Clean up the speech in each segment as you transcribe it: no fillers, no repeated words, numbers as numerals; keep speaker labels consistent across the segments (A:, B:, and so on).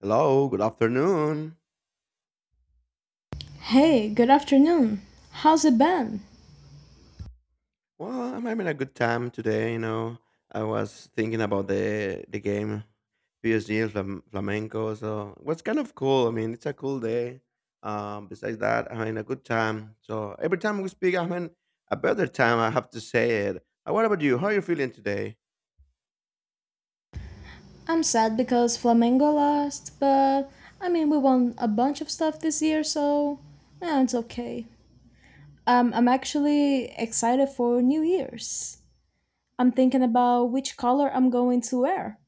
A: Hello, good afternoon.
B: Hey, good afternoon. How's it been?
A: Well, I'm having a good time today. I was thinking about the game PSG and Flamenco. So it was kind of cool. I mean, it's a cool day. Besides that, I'm having a good time. So every time we speak, I'm having a better time. I have to say it. What about you? How are you feeling today?
B: I'm sad because Flamengo lost, but I mean, we won a bunch of stuff this year, so it's okay. I'm actually excited for New Year's. I'm thinking about which color I'm going to wear.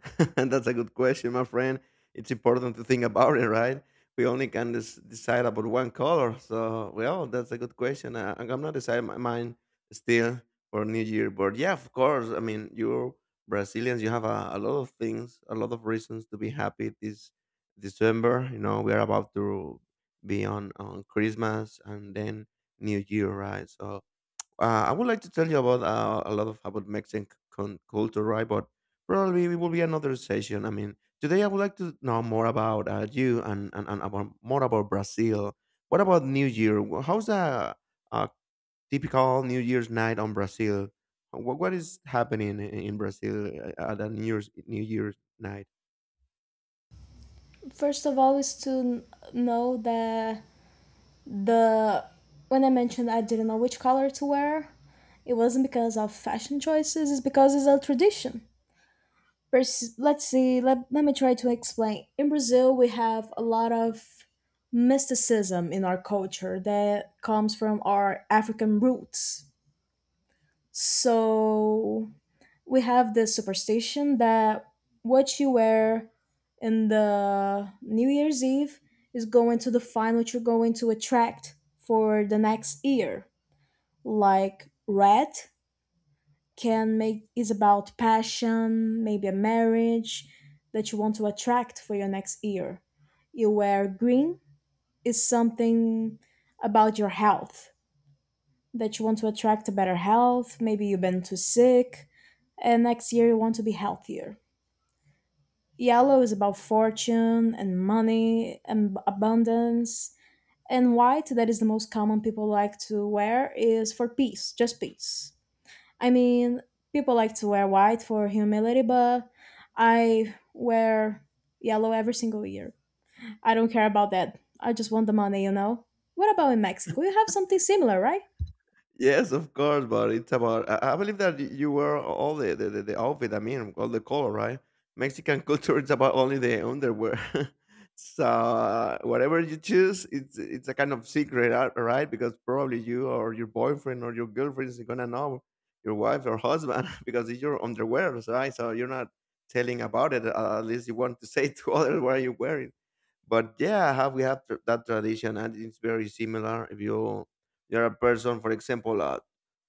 A: That's a good question, my friend. It's important to think about it, right? We only can decide about one color. So, well, that's a good question. I'm not deciding my mind still for New Year. But yeah, of course. I mean, you're Brazilians. You have a lot of things, a lot of reasons to be happy this December. You know, we are about to be on Christmas and then New Year, right? So, I would like to tell you about a lot of about Mexican culture, right? But probably it will be another session. I mean, today I would like to know more about you and about more about Brazil. What about New Year? How's a typical New Year's night on Brazil? What is happening in Brazil at a New Year's night?
B: First of all, is to know that the when I mentioned I didn't know which color to wear, it wasn't because of fashion choices, it's because it's a tradition. Let me try to explain, in Brazil we have a lot of mysticism in our culture that comes from our African roots. So we have this superstition that what you wear in the New Year's Eve is going to define what you're going to attract for the next year. Like red can make, is about passion, maybe a marriage that you want to attract for your next year. You wear green is something about your health, that you want to attract a better health. Maybe you've been too sick, and next year you want to be healthier. Yellow is about fortune and money and abundance. And white, that is the most common people like to wear, is for peace, just peace. I mean, people like to wear white for humility, but I wear yellow every single year. I don't care about that. I just want the money, you know? What about in Mexico? You have something similar, right?
A: Yes, of course, but it's about. I believe that you wear all the outfit. I mean, all the color, right? Mexican culture is about only the underwear. So whatever you choose, it's a kind of secret, right? Because probably you or your boyfriend or your girlfriend is gonna know your wife or husband because it's your underwear, right? So you're not telling about it. At least you want to say to others what are wearing. But yeah, have we have that tradition, and it's very similar. If you're a person, for example,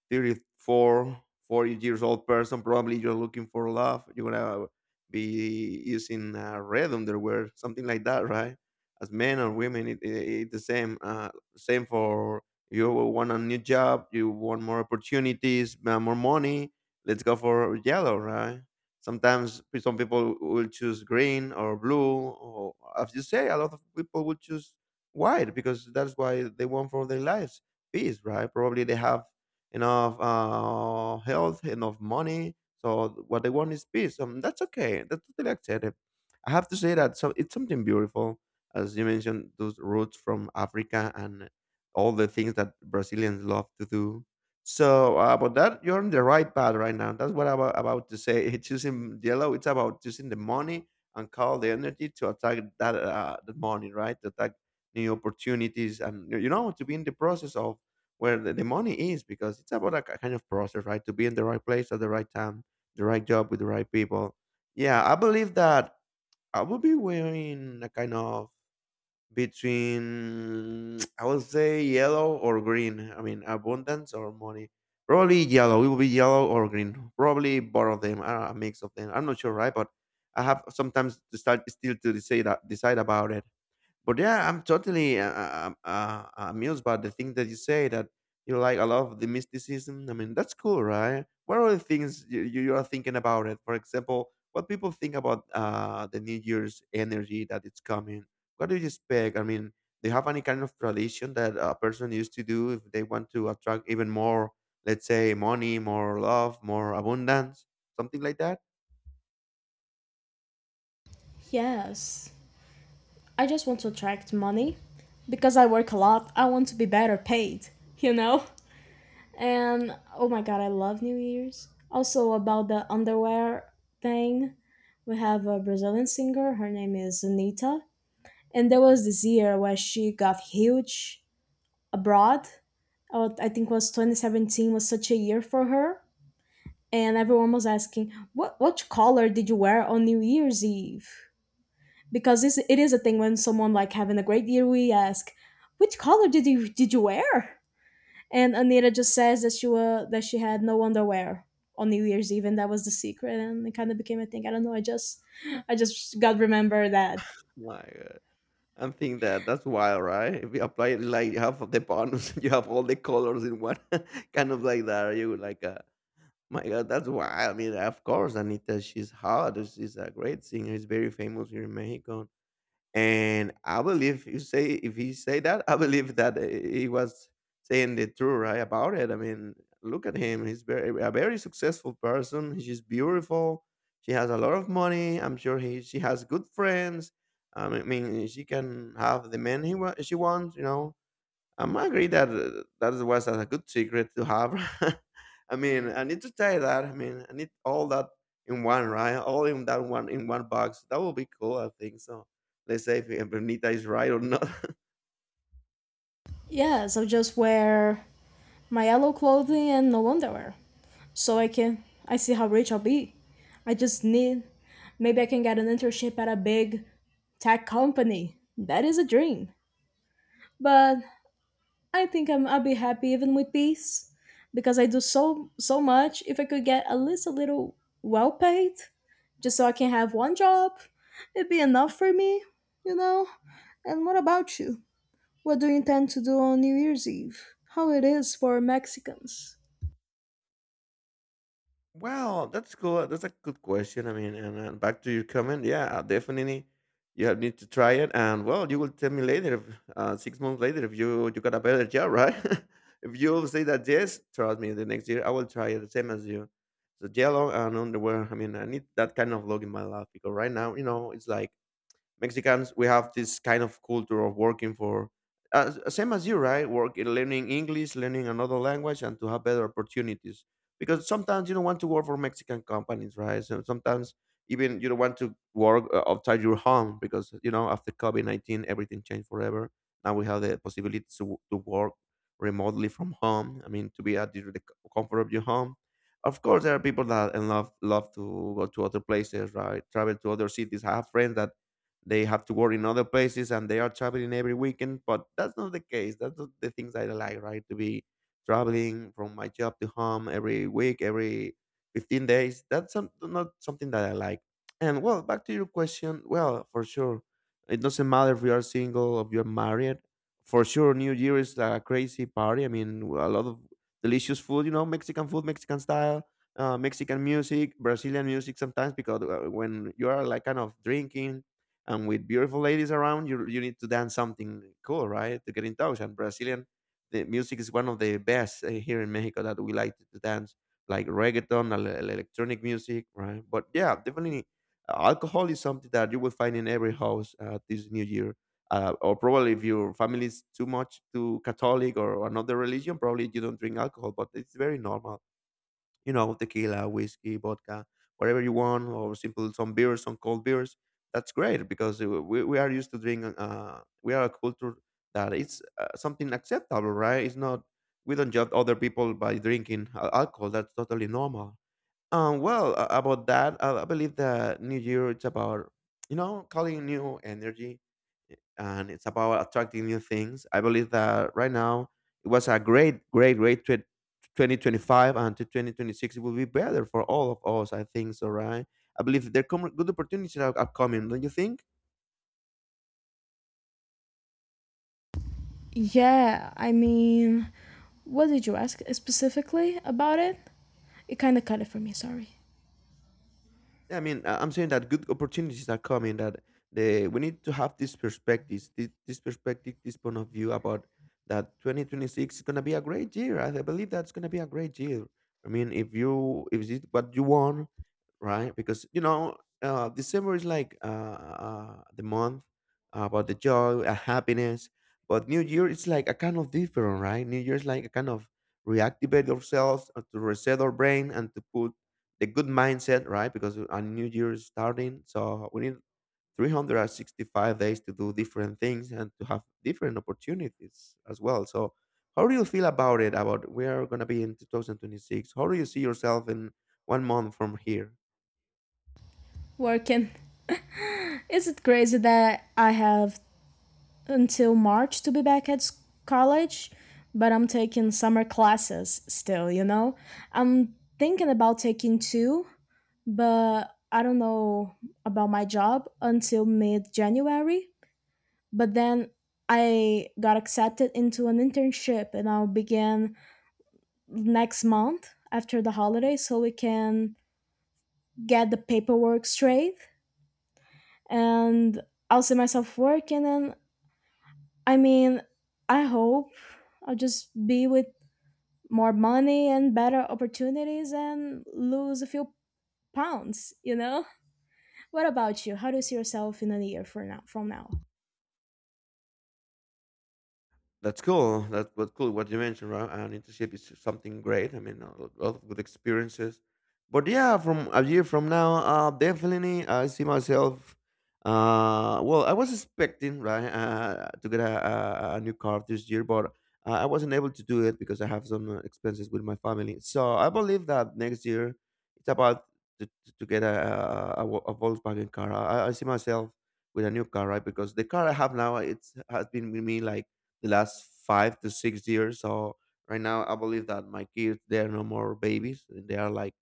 A: 34, 40 years old person, probably you're looking for love. You're gonna be using red underwear, something like that, right? As men or women, it's the same. Same for you want a new job, you want more opportunities, more money. Let's go for yellow, right? Sometimes some people will choose green or blue, or as you say, a lot of people will choose white because that's why they want for their lives peace, right? Probably they have enough health, enough money. So what they want is peace. That's okay. That's totally accepted. I have to say that so it's something beautiful, as you mentioned, those roots from Africa and all the things that Brazilians love to do. So about that, you're on the right path right now. That's what I'm about to say. Choosing yellow, it's about choosing the money and call the energy to attack that the money, right? To attack new opportunities, and you know to be in the process of where the money is, because it's about a kind of process, right? To be in the right place at the right time, the right job with the right people. Yeah, I believe that I will be wearing a kind of between I would say yellow or green. I mean abundance or money. Probably yellow. It will be yellow or green. Probably both of them. I a mix of them. I'm not sure, right? But I have sometimes to start still to decide about it. But yeah, I'm totally amused by the thing that you say that you like a lot of the mysticism. I mean, that's cool, right? What are the things you are thinking about it? For example, what people think about the New Year's energy that it's coming? What do you expect? I mean, do you have any kind of tradition that a person used to do if they want to attract even more, let's say, money, more love, more abundance, something like that?
B: Yes. I just want to attract money. Because I work a lot, I want to be better paid, you know? And oh my god, I love New Year's. Also, about the underwear thing, we have a Brazilian singer. Her name is Anita. And there was this year where she got huge abroad. Oh, I think was 2017, was such a year for her. And everyone was asking, what color did you wear on New Year's Eve? Because this, it is a thing, when someone like having a great year, we ask, which color did you wear? And Anita just says that she, was that she had no underwear on New Year's Eve. And that was the secret. And it kind of became a thing. I don't know. I just got remember that.
A: My God. I'm think that that's wild, right? If you apply it like half of the bonus, you have all the colors in one kind of like that. You like, my God, that's wild. I mean, of course, Anita, she's hot. She's a great singer. She's very famous here in Mexico, and I believe you say if he say that, I believe that he was saying the truth right about it. I mean, look at him; he's very a very successful person. She's beautiful. She has a lot of money. I'm sure he she has good friends. I mean, she can have the men she wants. You know, I agree that that was a good secret to have. I mean, I need to try that. I mean, I need all that in one, right? All in that one in one box. That would be cool. I think so. Let's say if Bernita is right or not.
B: Yeah. So just wear my yellow clothing and no underwear, so I can I see how rich I'll be. I just need, maybe I can get an internship at a big tech company. That is a dream. But I think I'll be happy even with peace because I do so so much. If I could get at least a little well paid, just so I can have one job, it'd be enough for me, you know. And what about you? What do you intend to do on New Year's Eve? How it is for Mexicans?
A: Well, that's cool. That's a good question. I mean, and back to your comment, yeah, definitely, you have need to try it, and well, you will tell me later, if, 6 months later, if you got a better job, right? If you say that yes, trust me, the next year I will try it the same as you. So yellow and underwear. I mean, I need that kind of look in my life because right now, you know, it's like Mexicans, we have this kind of culture of working for, same as you, right? Work learning English, learning another language, and to have better opportunities. Because sometimes you don't want to work for Mexican companies, right? So sometimes even you don't want to work outside your home, because you know after COVID 19 everything changed forever. Now we have the possibility to work remotely from home. I mean, to be at the comfort of your home. Of course, there are people that and love to go to other places, right? Travel to other cities. I have friends that they have to work in other places and they are traveling every weekend, but that's not the case. That's not the things I like, right? To be traveling from my job to home every week, every 15 days. That's not something that I like. And well, back to your question, well, for sure, it doesn't matter if you are single, or if you're married. For sure, New Year is like a crazy party. I mean, a lot of delicious food, you know, Mexican food, Mexican style, Mexican music, Brazilian music sometimes, because when you are like kind of drinking and with beautiful ladies around, you need to dance something cool, right? To get in touch. And Brazilian, the music is one of the best here in Mexico that we like to dance, like reggaeton, electronic music, right? But yeah, definitely, alcohol is something that you will find in every house this New Year. Or probably if your family is too Catholic or another religion, probably you don't drink alcohol, but it's very normal. You know, tequila, whiskey, vodka, whatever you want, or simple some beers, some cold beers. That's great because we are used to drink. We are a culture that it's something acceptable, right? It's not. We don't judge other people by drinking alcohol. That's totally normal. Well, about that, I believe that New Year it's about you know calling new energy and it's about attracting new things. I believe that right now it was a great 2025, and to 2026 it will be better for all of us. I think so, right? I believe there come good opportunities are coming, don't you think?
B: Yeah, I mean, what did you ask specifically about it? It kind of cut it for me, sorry.
A: Yeah, I mean, I'm saying that good opportunities are coming. That the we need to have this perspectives, this perspective, this point of view about that 2026 is gonna be a great year. I believe that's gonna be a great year. I mean, if you if it's what you want, right? Because you know, December is like the month about the joy, happiness. But New Year it's like a kind of different, right? New Year is like a kind of reactivate ourselves, to reset our brain, and to put the good mindset, right? Because a new year is starting, so we need 365 days to do different things and to have different opportunities as well. So, how do you feel about it? About where are going to be in 2026? How do you see yourself in one month from here?
B: Working. Is it crazy that I have until March to be back at college? But I'm taking summer classes still, you know? I'm thinking about taking two, but I don't know about my job until mid January. But then I got accepted into an internship and I'll begin next month after the holiday, so we can get the paperwork straight, and I'll see myself working, and I mean, I hope I'll just be with more money and better opportunities and lose a few pounds, you know? What about you? How do you see yourself in a year for now, from now?
A: That's cool. That's what cool what you mentioned, right? An internship is something great. I mean, a lot of good experiences. But yeah, from a year from now, definitely I see myself. Well, I was expecting right to get a new car this year, but I wasn't able to do it because I have some expenses with my family. So I believe that next year it's about to get a Volkswagen car. I see myself with a new car, right? Because the car I have now it's has been with me like the last 5 to 6 years. So right now, I believe that my kids they are no more babies. And they are like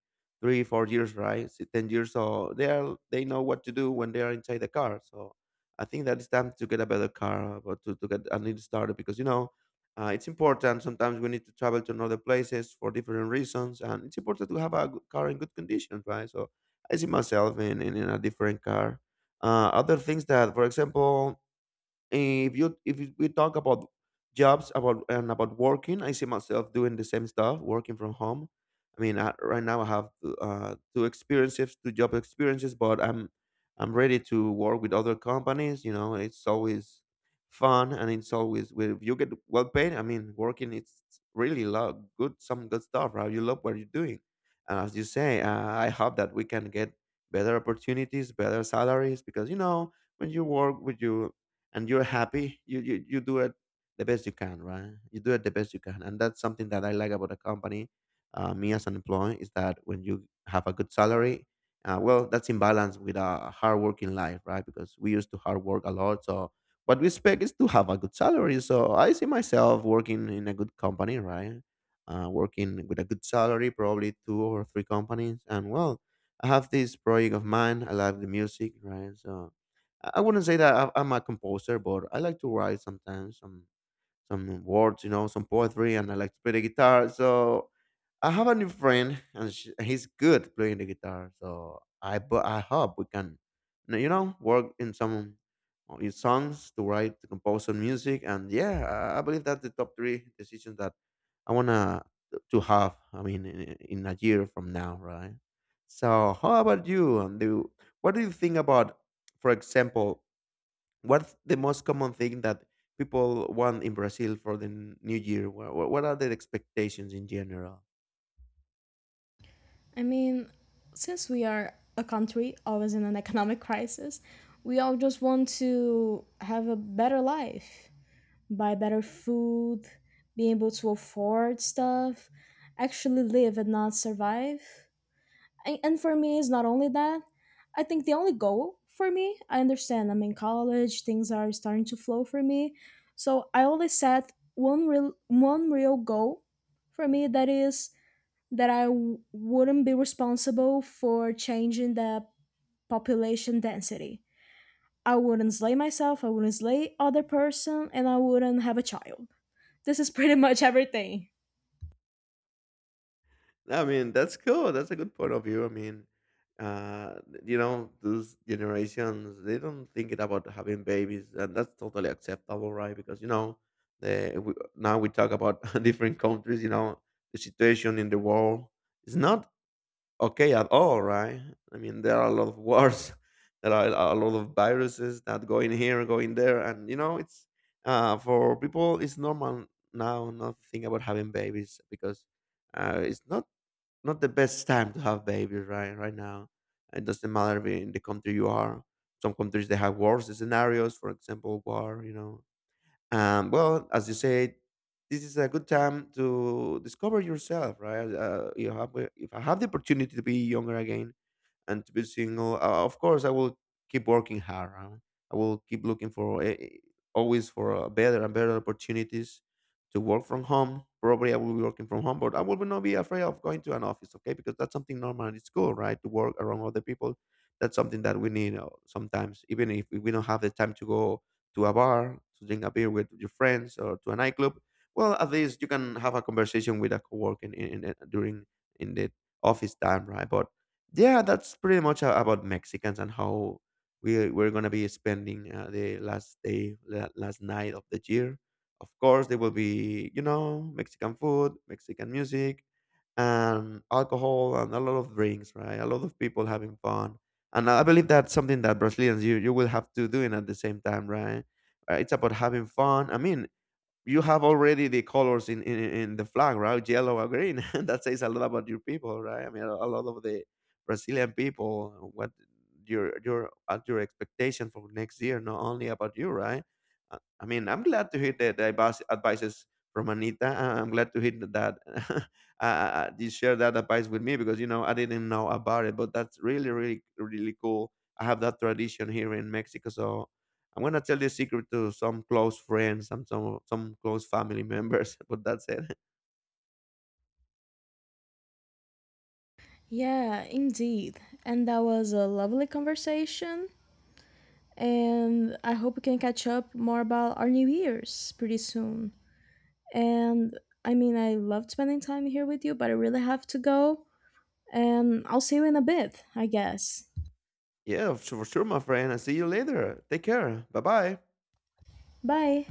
A: three, 4 years, right? 10 years. So they know what to do when they are inside the car. So I think that it's time to get a better car, but to get a new starter because it's important. Sometimes we need to travel to another places for different reasons, and it's important to have a good car in good condition, right? So I see myself in, in a different car. Other things that, for example, if you- we talk about jobs about and about working, I see myself doing the same stuff, working from home. I mean, right now I have two experiences, two job experiences, but I'm ready to work with other companies. You know, it's always fun, and it's always, well, if you get well paid. I mean, working, it's really lot good some good stuff, right? You love what you're doing, and as you say, I hope that we can get better opportunities, better salaries, because you know, when you work with your and you're happy, you do it the best you can, right? You do it the best you can, and that's something that I like about a company. Me as an employee, is that when you have a good salary, well, that's in balance with a hard working life, right? Because we used to hard work a lot. So what we expect is to have a good salary, so I see myself working in a good company, right? Working with a good salary, probably two or three companies. And well, I have this project of mine, I love the music, right? So I wouldn't say that I'm a composer, but I like to write sometimes some words, you know, some poetry, and I like to play the guitar. So I have a new friend, and sh he's good playing the guitar. So I but I hope we can, you know, work in some in songs to write, to compose some music. And yeah, I believe that's the top three decisions that I wanna to have. I mean, in a year from now, right? So how about you? And do What do you think about, for example? What's the most common thing that people want in Brazil for the new year? What are their expectations in general?
B: I mean, since we are a country always in an economic crisis, we all just want to have a better life, buy better food, be able to afford stuff, actually live and not survive. And, for me, it's not only that. I think the only goal for me, I understand I'm in college, things are starting to flow for me. So I only set one real goal for me, that is that I wouldn't be responsible for changing the population density. I wouldn't slay myself, I wouldn't slay other person, and I wouldn't have a child. This is pretty much everything.
A: I mean, that's cool. That's a good point of view. I mean, uh, you know, those generations, they don't think it about having babies, and that's totally acceptable, right? Because, you know, now we talk about different countries, you know, the situation in the world. It's not okay at all, right? I mean, there are a lot of wars, there are a lot of viruses that go in here, go in there. And you know, it's for people, it's normal now not to think about having babies, because it's not not the best time to have babies, right? Right now, it doesn't matter if in the country you are. Some countries they have worse scenarios, for example, war, you know, well, as you said, this is a good time to discover yourself, right? You have, if I have the opportunity to be younger again, and to be single, of course I will keep working hard, huh? I will keep looking for always for better and better opportunities. To work from home, probably I will be working from home, but I will not be afraid of going to an office, okay? Because that's something normal, and it's cool, right, to work around other people. That's something that we need. Sometimes, even if we don't have the time to go to a bar to drink a beer with your friends or to a nightclub, well, at least you can have a conversation with a coworker in, during in the office time, right? But yeah, that's pretty much about Mexicans and how we're gonna be spending the last day, last night of the year. Of course, there will be, you know, Mexican food, Mexican music, and alcohol, and a lot of drinks, right? A lot of people having fun, and I believe that's something that Brazilians you will have to doing at the same time, right? It's about having fun. I mean, you have already the colors in, in the flag, right? Yellow or green. That says a lot about your people, right? I mean, a lot of the Brazilian people, what your at your expectation for next year, not only about you, right? I mean, I'm glad to hear the advice, advices from Anita. I'm glad to hear that you share that advice with me, because you know I didn't know about it, but that's really, really, really cool. I have that tradition here in Mexico, so I'm gonna tell this secret to some close friends, some close family members, but that's it.
B: Yeah, indeed. And that was a lovely conversation. And I hope we can catch up more about our New Year's pretty soon. And I mean, I loved spending time here with you, but I really have to go. And I'll see you in a bit, I guess.
A: Yeah, for sure, my friend. I see you later. Take care. Bye bye.
B: Bye.